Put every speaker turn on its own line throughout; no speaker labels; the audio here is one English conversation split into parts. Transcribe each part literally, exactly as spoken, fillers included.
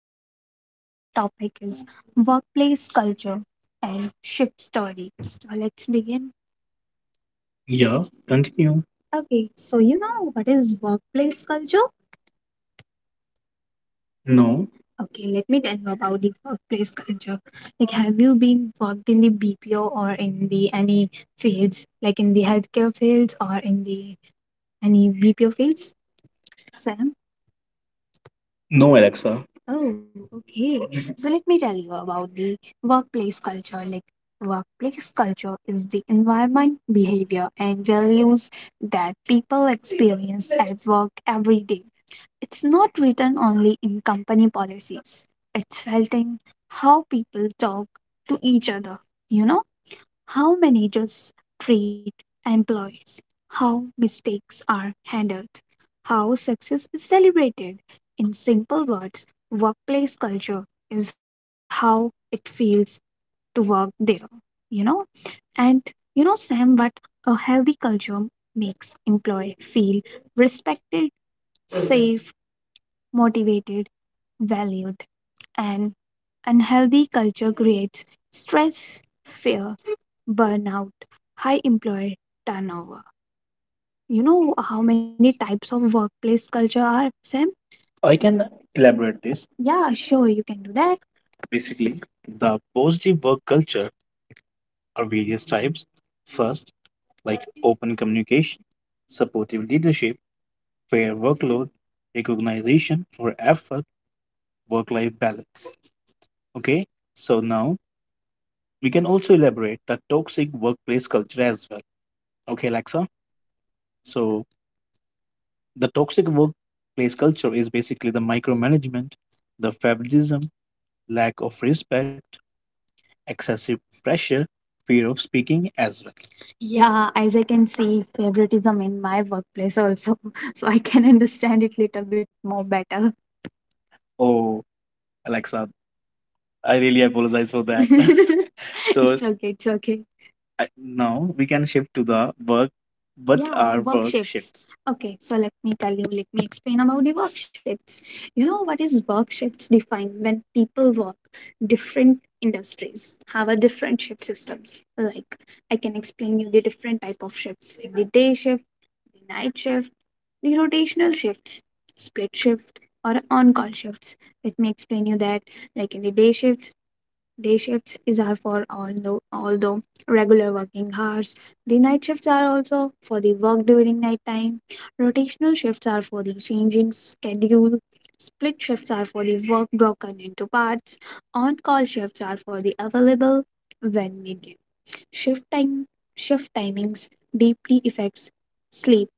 And the name of our topic is Workplace Culture and Ship Stories. So let's begin. Yeah, continue. Okay, so you know what is workplace culture? No. Okay, let me tell you about the workplace culture. Like, have you been worked in the B P O or in the any fields, like in the healthcare fields or in the any B P O fields, Sam? No, Alexa. Oh, okay. So let me tell you about the workplace culture. Like, workplace culture is the environment, behavior, and values that people experience at work every day. It's not written only in company policies, it's felt in how people talk to each other, you know? How managers treat employees, how mistakes are handled, how success is celebrated. In simple words, workplace culture is how it feels to work there, you know? And you know, Sam, what a healthy culture makes employee feel respected, safe, motivated, valued, and unhealthy culture creates stress, fear, burnout, high employee turnover. You know how many types of workplace culture are, Sam? I can elaborate this. Yeah, sure, you can do that. Basically, the positive work culture are various types. First, like open communication, supportive leadership, fair workload, recognition for effort, work life balance. Okay, so now we can also elaborate the toxic workplace culture as well. Okay, Alexa. So the toxic workplace culture is basically the micromanagement, the favoritism, lack of respect, excessive pressure, fear of speaking as well. Yeah, as I can see favoritism in my workplace also, so I can understand it little bit more better. Oh, Alexa, I really apologize for that. So it's okay, it's okay. I, now we can shift to the work, what, yeah, are work work shifts. shifts? Okay, so let me tell you, let me explain about the work shifts. You know, what is work shifts defined when people work different industries have a different shift systems. Like I can explain you the different type of shifts, like the day shift, the night shift, the rotational shifts, split shift, or on-call shifts. Let me explain you that. Like in the day shifts, day shifts is are for although although regular working hours. The night shifts are also for the work during night time. Rotational shifts are for the changing schedule. Split shifts are for the work broken into parts. On-call shifts are for the available when needed. Shift time Shift timings deeply affects sleep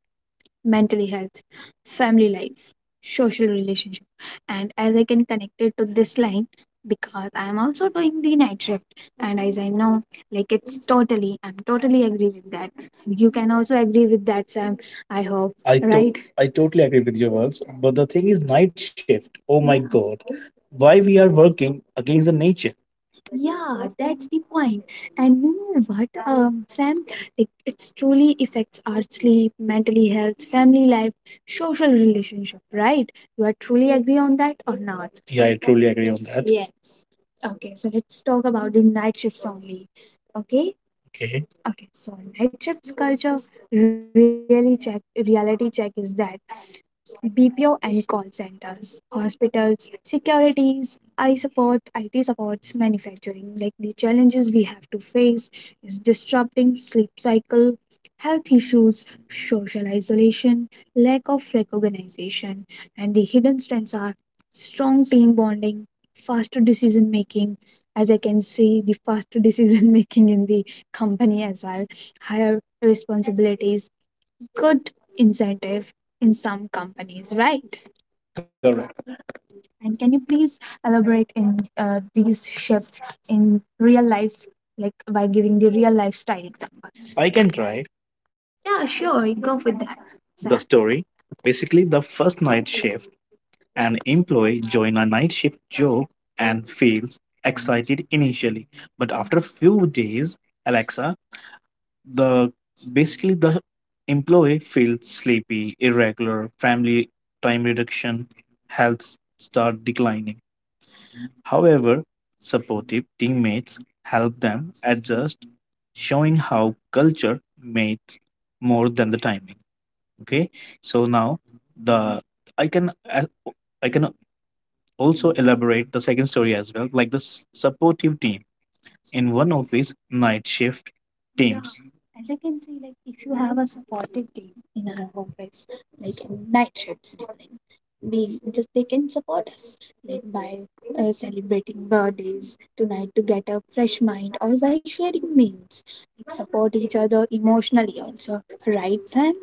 mental health, family life, social relationship. And as I can connect it to this line, because I am also doing the night shift, and as I know, like it's totally, I'm totally agree with that. You can also agree with that, Sam. I hope, I to- right? I totally agree with your words, but the thing is night shift. Oh my god, why we are working against the nature? Yeah, that's the point. And you know what, um, Sam? Like it's truly affects our sleep, mental health, family life, social relationship, right? You are truly agree on that or not? Yeah, I truly agree on that. Yeah. Okay, so let's talk about the night shifts only. Okay? Okay. Okay, so night shifts culture really check reality check is that B P O and call centers, hospitals, securities, I support, I T supports, manufacturing. Like the challenges we have to face is disrupting sleep cycle, health issues, social isolation, lack of recognition, and the hidden strengths are strong team bonding, faster decision making. As I can see, the faster decision making in the company as well, higher responsibilities, good incentive in some companies, right? Correct. And can you please elaborate in uh, these shifts in real life, like by giving the real lifestyle examples? I can try. Yeah, sure, you go with that. The Sam. Story. Basically, the first night shift, an employee joins a night shift job and feels excited initially. But after a few days, Alexa, the basically the employee feels sleepy, irregular family time reduction, health start declining, however supportive teammates help them adjust, showing how culture mates more than the timing. Okay, so now the I can I I can also elaborate the second story as well, like the s- supportive team in one office night shift. Yeah, teams. As I can say, like if you have a supportive team in our office, like in night shifts during, they just they can support us like by uh, celebrating birthdays tonight to get a fresh mind, or by sharing meals, like support each other emotionally also, right? Then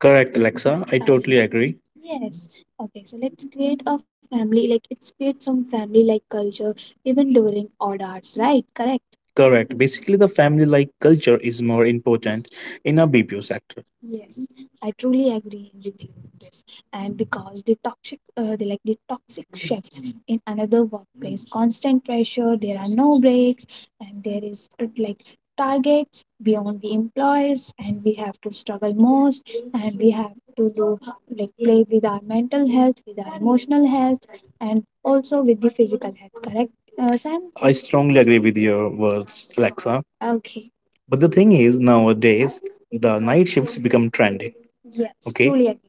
correct, Alexa. I totally, okay, agree. Yes. Okay, so let's create a family, like it's create some family like culture even during odd hours, right? Correct. Correct. Basically, the family like culture is more important in a B P O sector. Yes, I truly agree with you on this. And because the toxic, uh, the, like the toxic shifts in another workplace, constant pressure, there are no breaks, and there is uh, like targets beyond the employees, and we have to struggle more and we have to do like play with our mental health, with our emotional health, and also with the physical health. Correct, uh, Sam? I strongly agree with your words, Alexa. Okay. But the thing is, nowadays, the night shifts become trendy. Yes, okay, truly agree.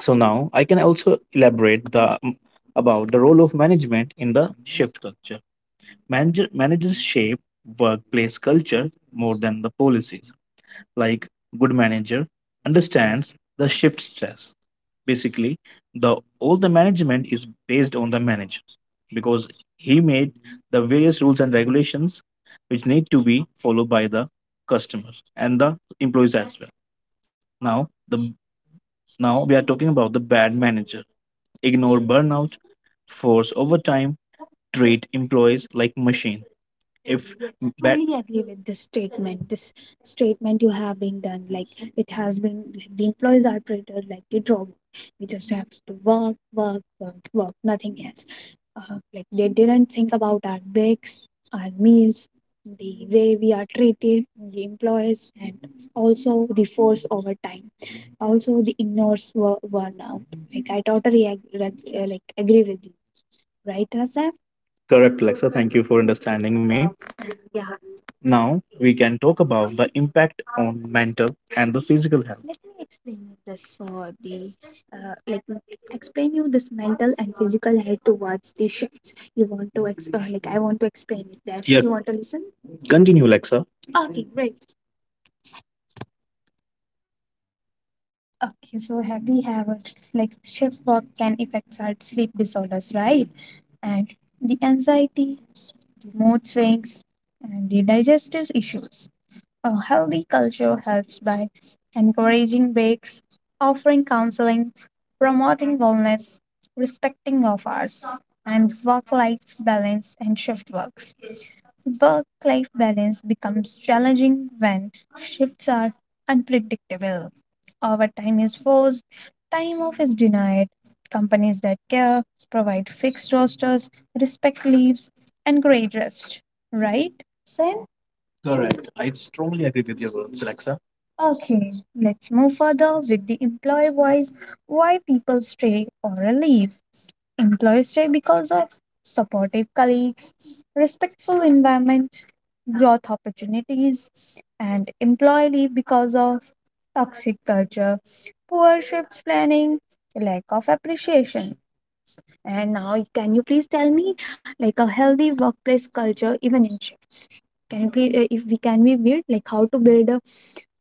So now I can also elaborate the about the role of management in the shift culture. Manager, managers shape workplace culture more than the policies, like good manager understands the shift stress. Basically, the all the management is based on the manager, because he made the various rules and regulations which need to be followed by the customers and the employees as well. Now the now we are talking about the bad manager ignore burnout, force overtime, treat employees like machines. If I that Strongly agree with this statement. This statement you have been done, like it has been, like, the employees are treated like the dog. We just have to work, work, work, work, nothing else. Uh, like they didn't think about our breaks, our meals, the way we are treated, the employees, and also the force over time. Also, the ignores were burnout. Like I totally ag- reg- uh, like agree with you, right, Asa? Correct, Lexa. Thank you for understanding me. Yeah. Now we can talk about the impact on mental and the physical health. Let me explain you this for the uh, like m- explain you this mental and physical health towards the shifts. You want to ex- uh, like I want to explain it that, yeah, you want to listen. Continue, Lexa. Okay, great. Okay, so have we have a, like shift work can affect our sleep disorders, right? And the anxiety, mood swings, and the digestive issues. A healthy culture helps by encouraging breaks, offering counseling, promoting wellness, respecting of hours, and work life balance and shift works. Work life balance becomes challenging when shifts are unpredictable. Overtime is forced, time off is denied. Companies that care provide fixed rosters, respect leaves, and grade rest. Right, Sam? Correct. I strongly agree with your words, Alexa. Okay, let's move further with the employee voice, why people stay or leave. Employees thrive because of supportive colleagues, respectful environment, growth opportunities, and employee leave because of toxic culture, poor shifts planning, lack of appreciation. And now, can you please tell me, like a healthy workplace culture, even in shifts? Can you please, uh, if we can we build, like how to build a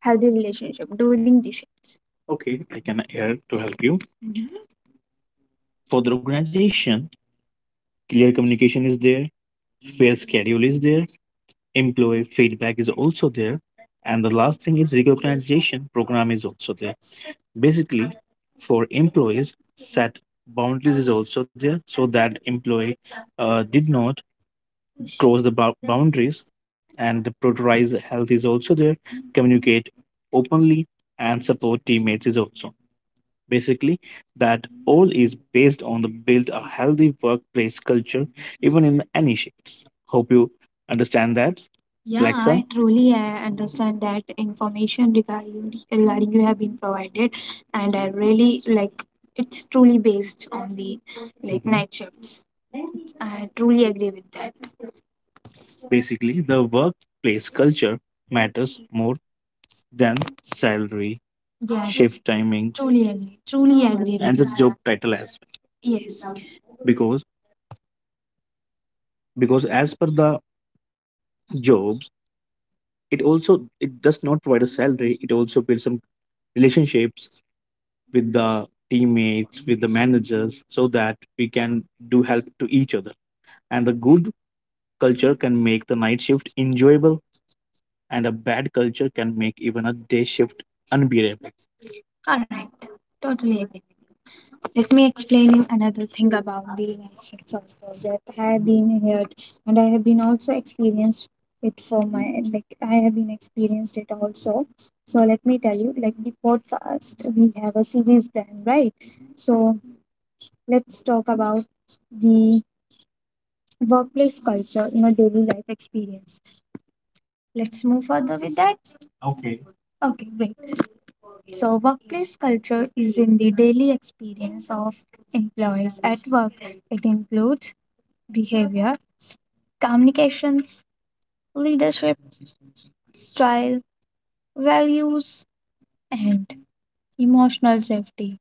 healthy relationship during the shifts? Okay, I can here to help you. Mhm. For the organization, clear communication is there, fair schedule is there, employee feedback is also there, and the last thing is recognition program is also there. Basically, for employees, set boundaries is also there so that employee uh, did not cross the bou- boundaries, and the prioritize health is also there, communicate openly and support teammates is also. Basically, that all is based on the build a healthy workplace culture, even in any shifts. Hope you understand that, yeah, Alexa. I truly uh, understand that information regarding regarding you have been provided, and I really like it's truly based on the like, mhm, night shifts. I truly agree with that. Basically, the workplace culture matters more than salary, yes, shift timings, truly agree, truly agree with, and the you, job title as well. Yes, because because as per the jobs, it also it does not provide a salary, it also builds some relationships with the teammates, with the managers, so that we can do help to each other, and the good culture can make the night shift enjoyable, and a bad culture can make even a day shift unbearable. Correct. Totally agree with you. Let me explain you another thing about the night shifts also, that I have been here and I have been also experienced it for my like I have been experienced it also. So let me tell you, like the podcast, we have a series plan, right? So let's talk about the workplace culture in a daily life experience. Let's move further with that. Okay. Okay, great. So, workplace culture is in the daily experience of employees at work. It includes behavior, communications, leadership, style, values, and emotional safety.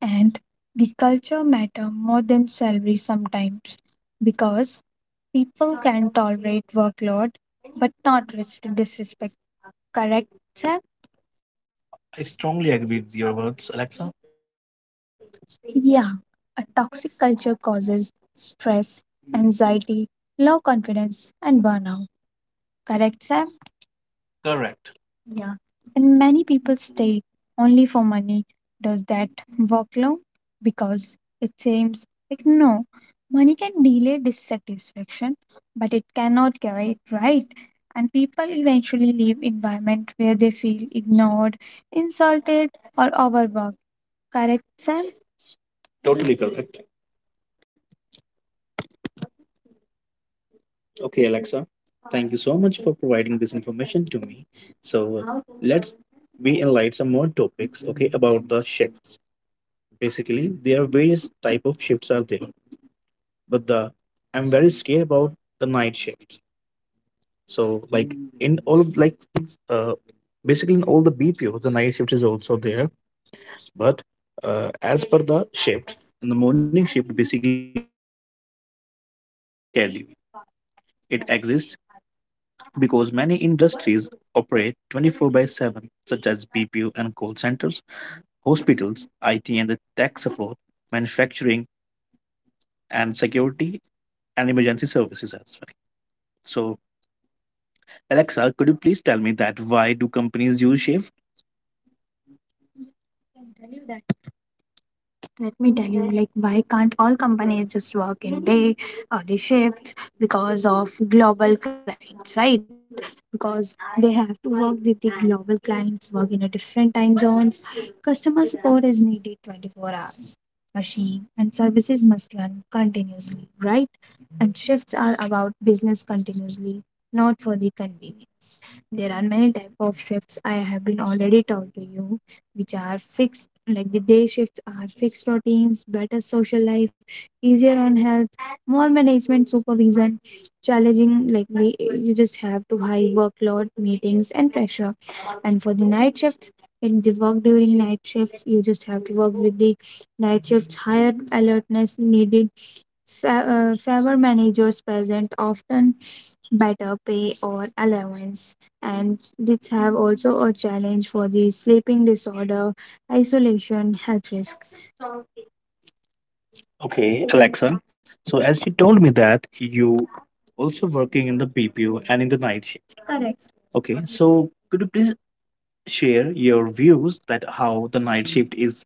And the culture matter more than salary sometimes because people can tolerate workload but not risk disrespect. Correct, Sam? I strongly agree with your words, Alexa. Yeah, a toxic culture causes stress, anxiety, low confidence, and burnout. Correct, Sam? Correct. Yeah. And many people stay only for money. Does that work low? Because it seems like no. Money can delay dissatisfaction, but it cannot cure it, right? And people eventually leave environment where they feel ignored, insulted, or overworked. Correct, Sam? Totally correct. Okay, Alexa, thank you so much for providing this information to me. So let's we enlighten some more topics, okay, about the shifts. Basically, there are various type of shifts are there, but the I'm very scared about the night shift. So like in all of like uh basically in all the B P Os, the night shift is also there, but uh, as per the shift, in the morning shift basically is nine to five schedule. It exists because many industries operate twenty-four by seven, such as B P O and call centers, hospitals, I T and the tech support, manufacturing and security, and emergency services as well. So, Alexa, could you please tell me that why do companies use shift? Let me tell you, like, why can't all companies just work in day or day shifts because of global clients, right? Because they have to work with the global clients, work in a different time zones. Customer support is needed twenty-four hours. Machine and services must run continuously, right? And shifts are about business continuously, not for the convenience. There are many type of shifts I have been already taught to you, which are fixed, like the day shifts are fixed routines, better social life, easier on health, more management supervision, challenging, like we, you just have to high workload, meetings and pressure. And for the night shifts, in the work during night shifts, you just have to work with the night shifts, higher alertness needed. Fa- uh, favor managers present often, better pay or allowance, and this have also a challenge for the sleeping disorder, isolation, health risk. Okay, Alexa. So as you told me that you also working in the B P O and in the night shift. Correct. Okay, so could you please share your views that how the night shift is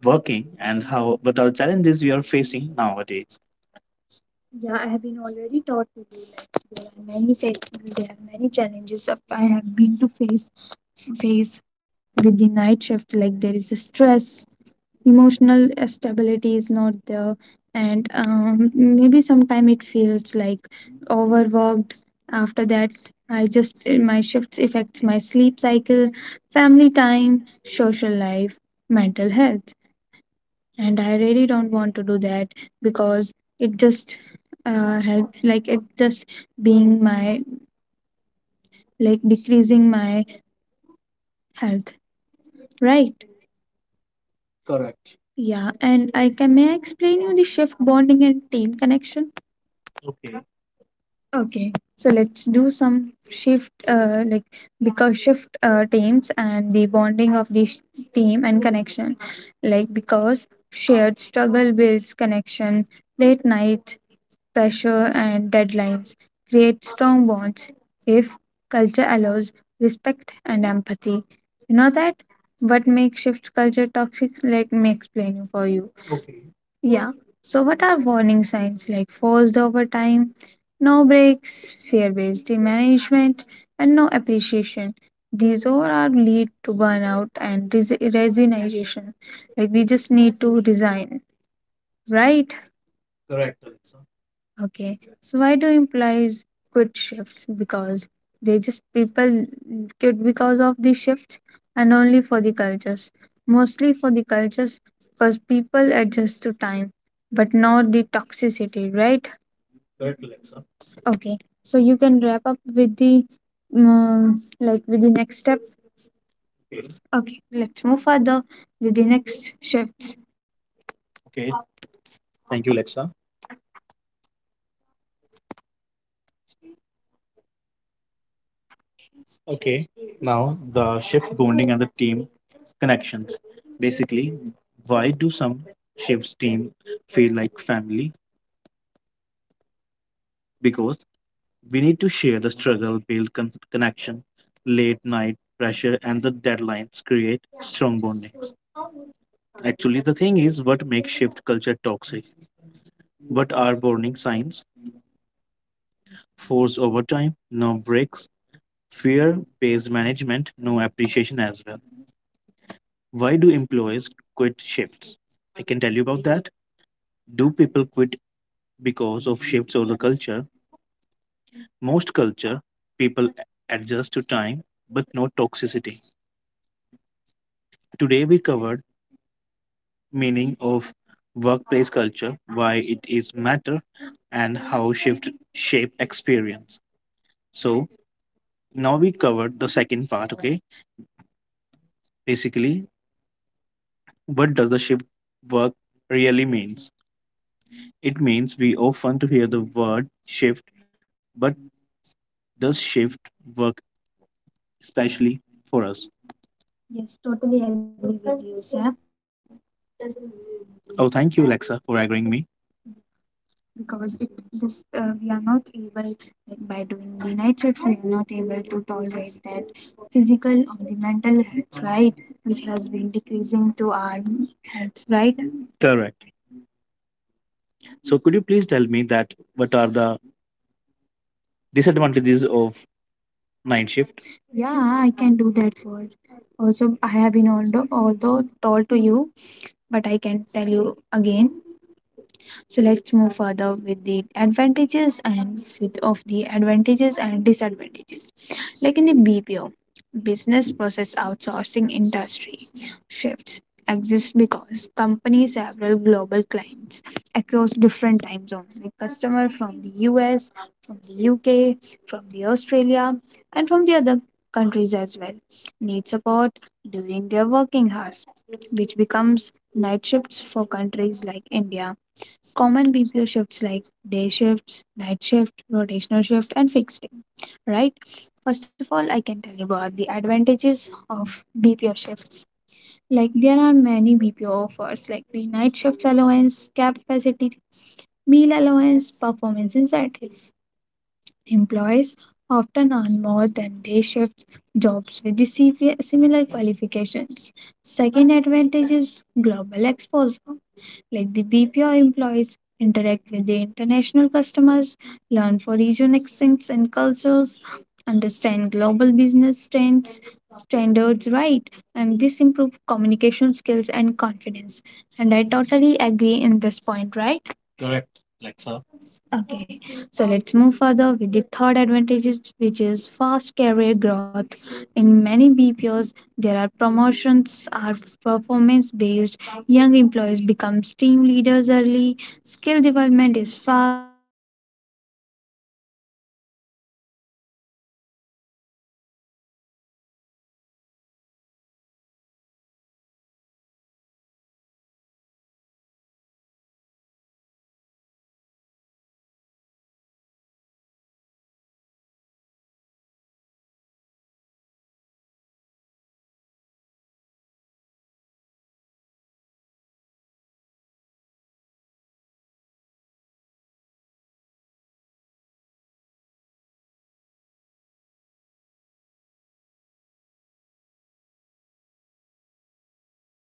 working and how what are the challenges you are facing nowadays? Yeah, I have been already taught to do that. There are many fa- there are many challenges of I have been to face face with the night shift. Like there is a stress, emotional uh, stability is not there, and um, maybe sometime it feels like overworked. After that, I just uh, my shifts affects my sleep cycle, family time, social life, mental health, and I really don't want to do that because it just uh, help like it just being my like decreasing my health, right? Correct. Yeah, and I can may I explain you the shift bonding and team connection? Okay. Okay, so let's do some shift, uh, like because shift uh, teams and the bonding of the sh- team and connection, like because shared struggle builds connection. Late nights pressure, and deadlines create strong bonds if culture allows respect and empathy. You know that? What makes shift culture toxic? Let me explain it for you. Yeah. So, what are warning signs like forced overtime, no breaks, fear based management, and no appreciation? These all are lead to burnout and res- resignation. Like, we just need to resign, right? Correct. Okay. So why do employees quit shifts? Because they just people quit because of the shifts and only for the cultures. Mostly for the cultures because people adjust to time, but not the toxicity, right? Correct, Alexa. Okay. So you can wrap up with the um, like with the next step. Okay. Okay, let's move further with the next shifts. Okay, thank you, Alexa. Okay, now the shift bonding and the team connections. Basically, why do some shifts team feel like family? Because we need to share the struggle, build con- connection, late night pressure, and the deadlines create strong bonding. Actually, the thing is what makes shift culture toxic. What are bonding signs? Force overtime, no breaks, fear based management, no appreciation as well. Why do employees quit shifts? I can tell you about that. Do people quit because of shifts or the culture? Most culture, people adjust to time, but not toxicity. Today we covered meaning of workplace culture, why it is matter, and how shift shape experience. So now we covered the second part. Okay, basically, what does the shift work really means? It means we often to hear the word shift, but does shift work especially for us. Yes, totally agree with you, Sab. Oh, thank you, Alexa, for agreeing me. Because it this uh, we are not able like, by doing the night shift we are not able to tolerate that physical or the mental health, right? Which has been decreasing to our health, right? Correct. So, could you please tell me that what are the disadvantages of night shift? Yeah, I can do that for. Also, I have been also although told to you but I can tell you again. So let's move further with the advantages and with of the advantages and disadvantages. Like in the B P O, business process outsourcing industry shifts exists because companies have several global clients across different time zones, like customer from the U S, from the U K, from the Australia, and from the other countries as well need support during their working hours, which becomes night shifts for countries like India, common B P O shifts like day shifts, night shift, rotational shift, and fixed day, right? First of all, I can tell you about the advantages of B P O shifts. Like there are many B P O offers like the night shifts allowance, cap capacity, meal allowance, performance incentive. Employees often earn more than day shifts jobs with the C V similar qualifications. Second advantage is global exposure. Like the B P O employees interact with the international customers, learn for region accents and cultures, understand global business trends, standards right, and this improve communication skills and confidence. And I totally agree in this point, right? Okay, so let's move further with the third advantage, is- which is fast career growth. In many B P Os, there are promotions are performance based. Young employees become team leaders early. Skill development is fast. Experience gained is valuable for management roles, international companies, and corporate career. And the fourth advantage is, is skill development. B P O shift builds communication skills, problem solving ability, stress management, and multitasking because employees become mentally strong and adaptable. Correct? Correct, Lexa. Yes. And the fifth one is strong team bonding. Like the night shifts teams often work with the fewer people, support each other closely, build strong friendship.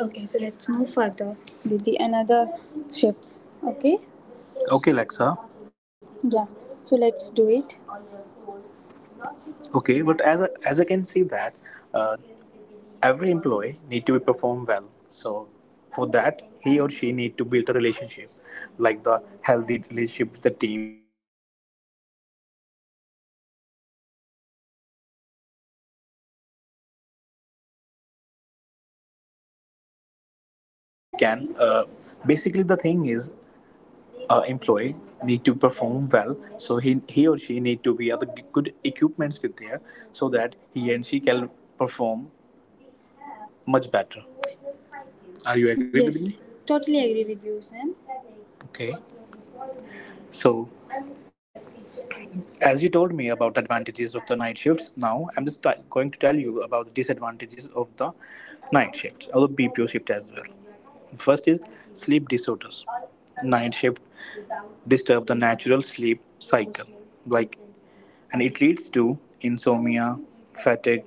Okay, so let's move further with the another shifts. Okay, Okay, Lexa, yeah. So let's do it. Okay, but as I, as I can see that, uh, every employee need to be perform well. So for that, he or she need to build a relationship, like the healthy relationship with the teammates, with the team leaders, with the managers as well. Yes, totally agree with you, Sam. Totally agree. Okay, so now we can. Uh, basically, the thing is, uh, employee need to perform well, so he, he or she need to be other g- good equipments with there, so that he and she can perform much better. Are you agree with, yes, me, totally agree with you, Sam. Okay, so as you told me about the advantages of the night shifts, now I'm just t- going to tell you about the disadvantages of the night shifts or the BPO shift as well. First is sleep disorders. Night shift disturb the natural sleep cycle, like, and it leads to insomnia, fatigue,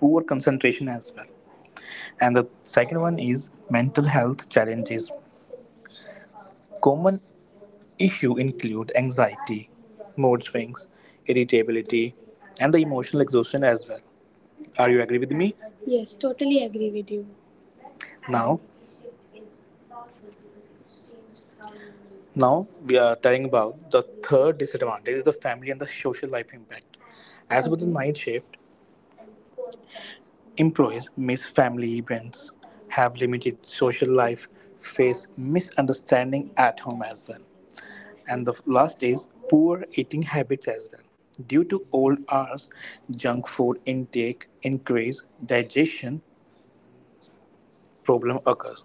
poor concentration as well. And the second one is mental health challenges. Common issue include anxiety, mood swings, irritability, and the emotional exhaustion as well. Are you agree with me? Yes, totally agree with you. Now, now we are telling about the third disadvantage is the family and the social life impact. As with the night shift, employees miss family events, have limited social life, face misunderstanding at home as well. And the last is poor eating habits as well. Due to old hours, junk food intake increase, digestion problem occurs.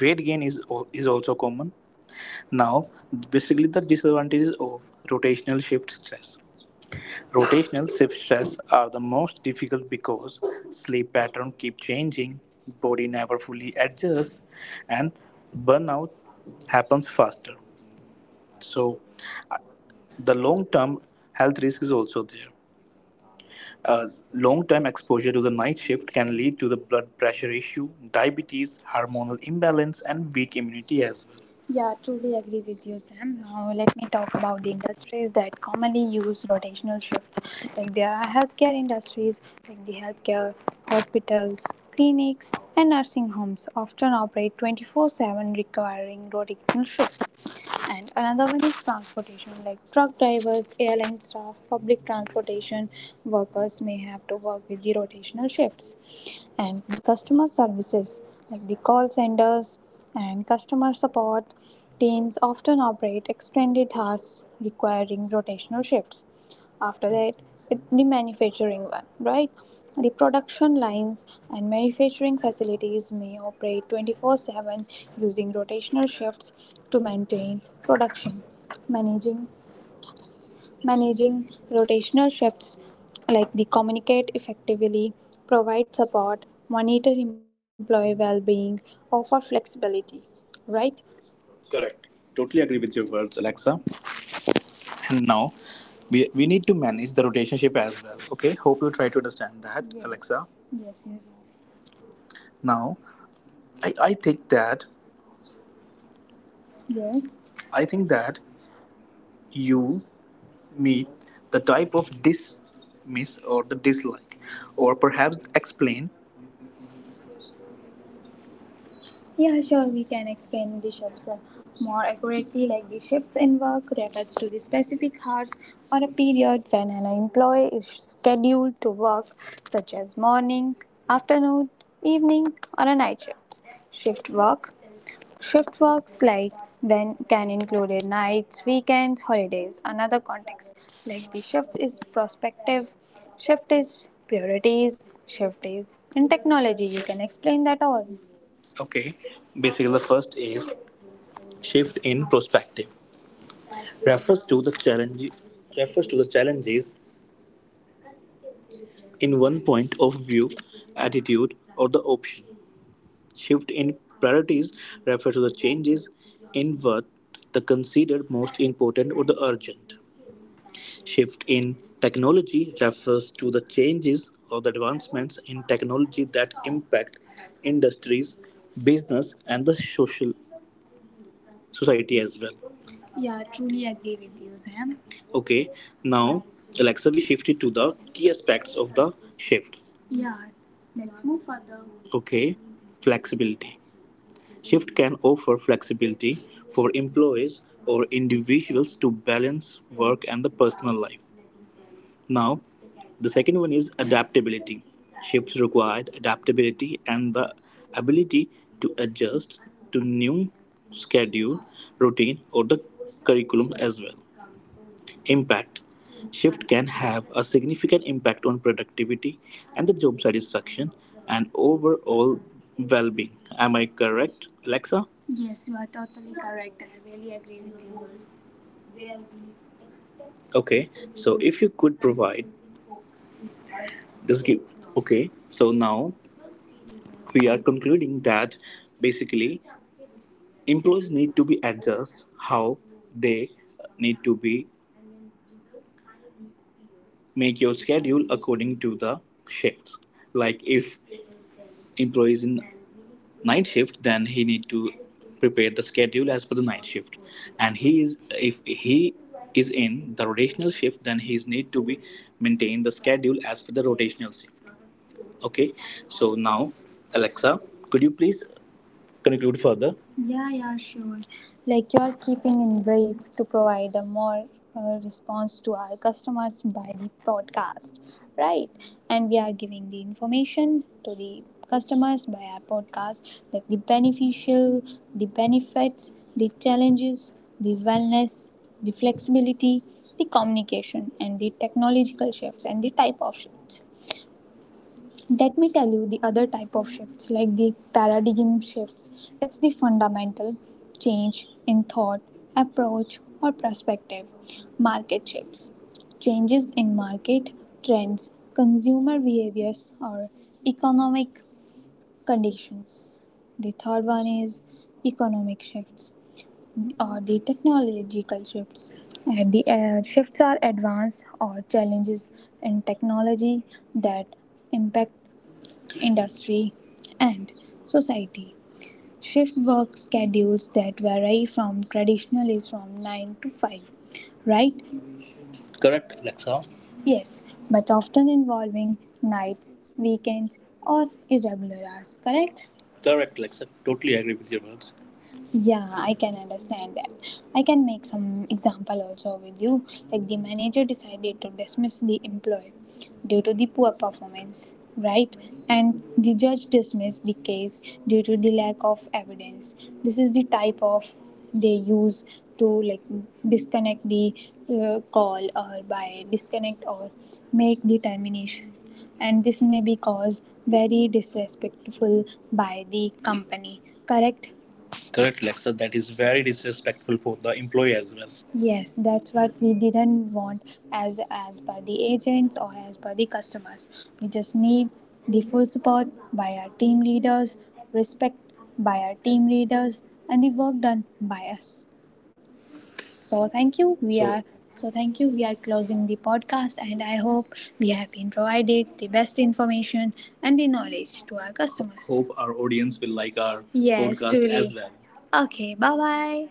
Weight gain is, al- is also common. Now, basically the disadvantages of rotational shift stress. Rotational shift stress are the most difficult because sleep pattern keep changing, body never fully adjusts, and burnout happens faster. So, uh, the long-term health risk is also there. Uh, Long-term exposure to the night shift can lead to the blood pressure issue, diabetes, hormonal imbalance, and weak immunity as well. Yeah, truly agree with you, Sam. Now, let me talk about the industries that commonly use rotational shifts. Like there are healthcare industries, like the healthcare, hospitals, clinics, and nursing homes often operate twenty four seven, requiring rotational shifts. And another one is transportation, like truck drivers, airline staff, public transportation workers may have to work with the rotational shifts. And the customer services, like the call centers and customer support teams often operate extended hours, requiring rotational shifts. After that, it- the manufacturing one, right? The production lines and manufacturing facilities may operate twenty four seven, using rotational shifts to maintain production. Managing, managing rotational shifts, like the communicate effectively, provide support, monitor employee well being, offer flexibility, right? Correct. Totally agree with your words, Alexa. And now we, we need to manage the rotationship as well. Okay, hope you try to understand that, yes, Alexa. Yes, yes. Now, I, I think that Yes. I think that you meet the type of dismiss or the dislike, or perhaps explain. Yeah, sure, we can explain the shifts, uh, more accurately, like the shifts in work refers to the specific hours or a period when an employee is scheduled to work, such as morning, afternoon, evening, or a night shift. Shift work Shift works like when can include nights, weekends, holidays, another context. Like the shift is prospective, shift is priorities, shift is in technology. You can explain that all. Okay, basically the first is shift in perspective. Refers to the challenge Refers to the challenges in one point of view, attitude or the option. Shift in priorities refers to the changes in what the considered most important or the urgent. Shift in technology refers to the changes or the advancements in technology that impact industries, business and the social society as well. Yeah, truly agree with you, Sam. Okay, now Alexa, we shifted to the key aspects of the shift. Yeah, let's move further. Okay, flexibility. Shift can offer flexibility for employees or individuals to balance work and the personal life. Now, the second one is adaptability. Shifts require adaptability and the ability to adjust to new schedule, routine, or the curriculum as well. Impact. Shift can have a significant impact on productivity and the job satisfaction and overall well being. Am I correct, Alexa? Yes, you are totally correct. I really agree with you. Okay, so if you could provide this give, okay, so now we are concluding that basically employees need to be adjust how they need to be make your schedule according to the shifts. Like if employees in night shift, then he need to prepare the schedule as per the night shift, and he is if he is in the rotational shift, then he is need to be maintain the schedule as per the rotational shift. Okay, so now, Alexa, could you please conclude further? Yeah, yeah, sure. Like you're keeping in brief to provide a more, uh, response to our customers by the podcast, right? And we are giving the information to the customers by our podcast, like the beneficial, the benefits, the challenges, the wellness, the flexibility, the communication, and the technological shifts and the type of shifts. Let me tell you the other type of shifts, like the paradigm shifts. It's the fundamental change in thought, approach or perspective. Market shifts, changes in market trends, consumer behaviors or economic conditions. The third one is economic shifts or the technological shifts, and the uh, shifts are advanced or challenges in technology that impact industry, and society. Shift work schedules that vary from traditional is from nine to five, right? Correct, Alexa? Yes, but often involving nights, weekends, or irregular hours, correct? Correct, Alexa. Totally agree with your words. Yeah, I can understand that. I can make some example also with you. Like the manager decided to dismiss the employee due to the poor performance, right? And the judge dismissed the case due to the lack of evidence. This is the type of they use to, like, disconnect the, uh, call or by disconnect or make the termination, and this may be caused very disrespectful by the company, correct? Correct, Lexus, that is very disrespectful for the employee as well. Yes, that's what we didn't want, as as per the agents or as per the customers. We just need the full support by our team leaders, respect by our team leaders, and the work done by us. So thank you. We So are so Thank you. We are closing the podcast, and I hope we have been provided the best information and the knowledge to our customers. Hope our audience will like our, yes, podcast as truly, well. Okay, bye bye.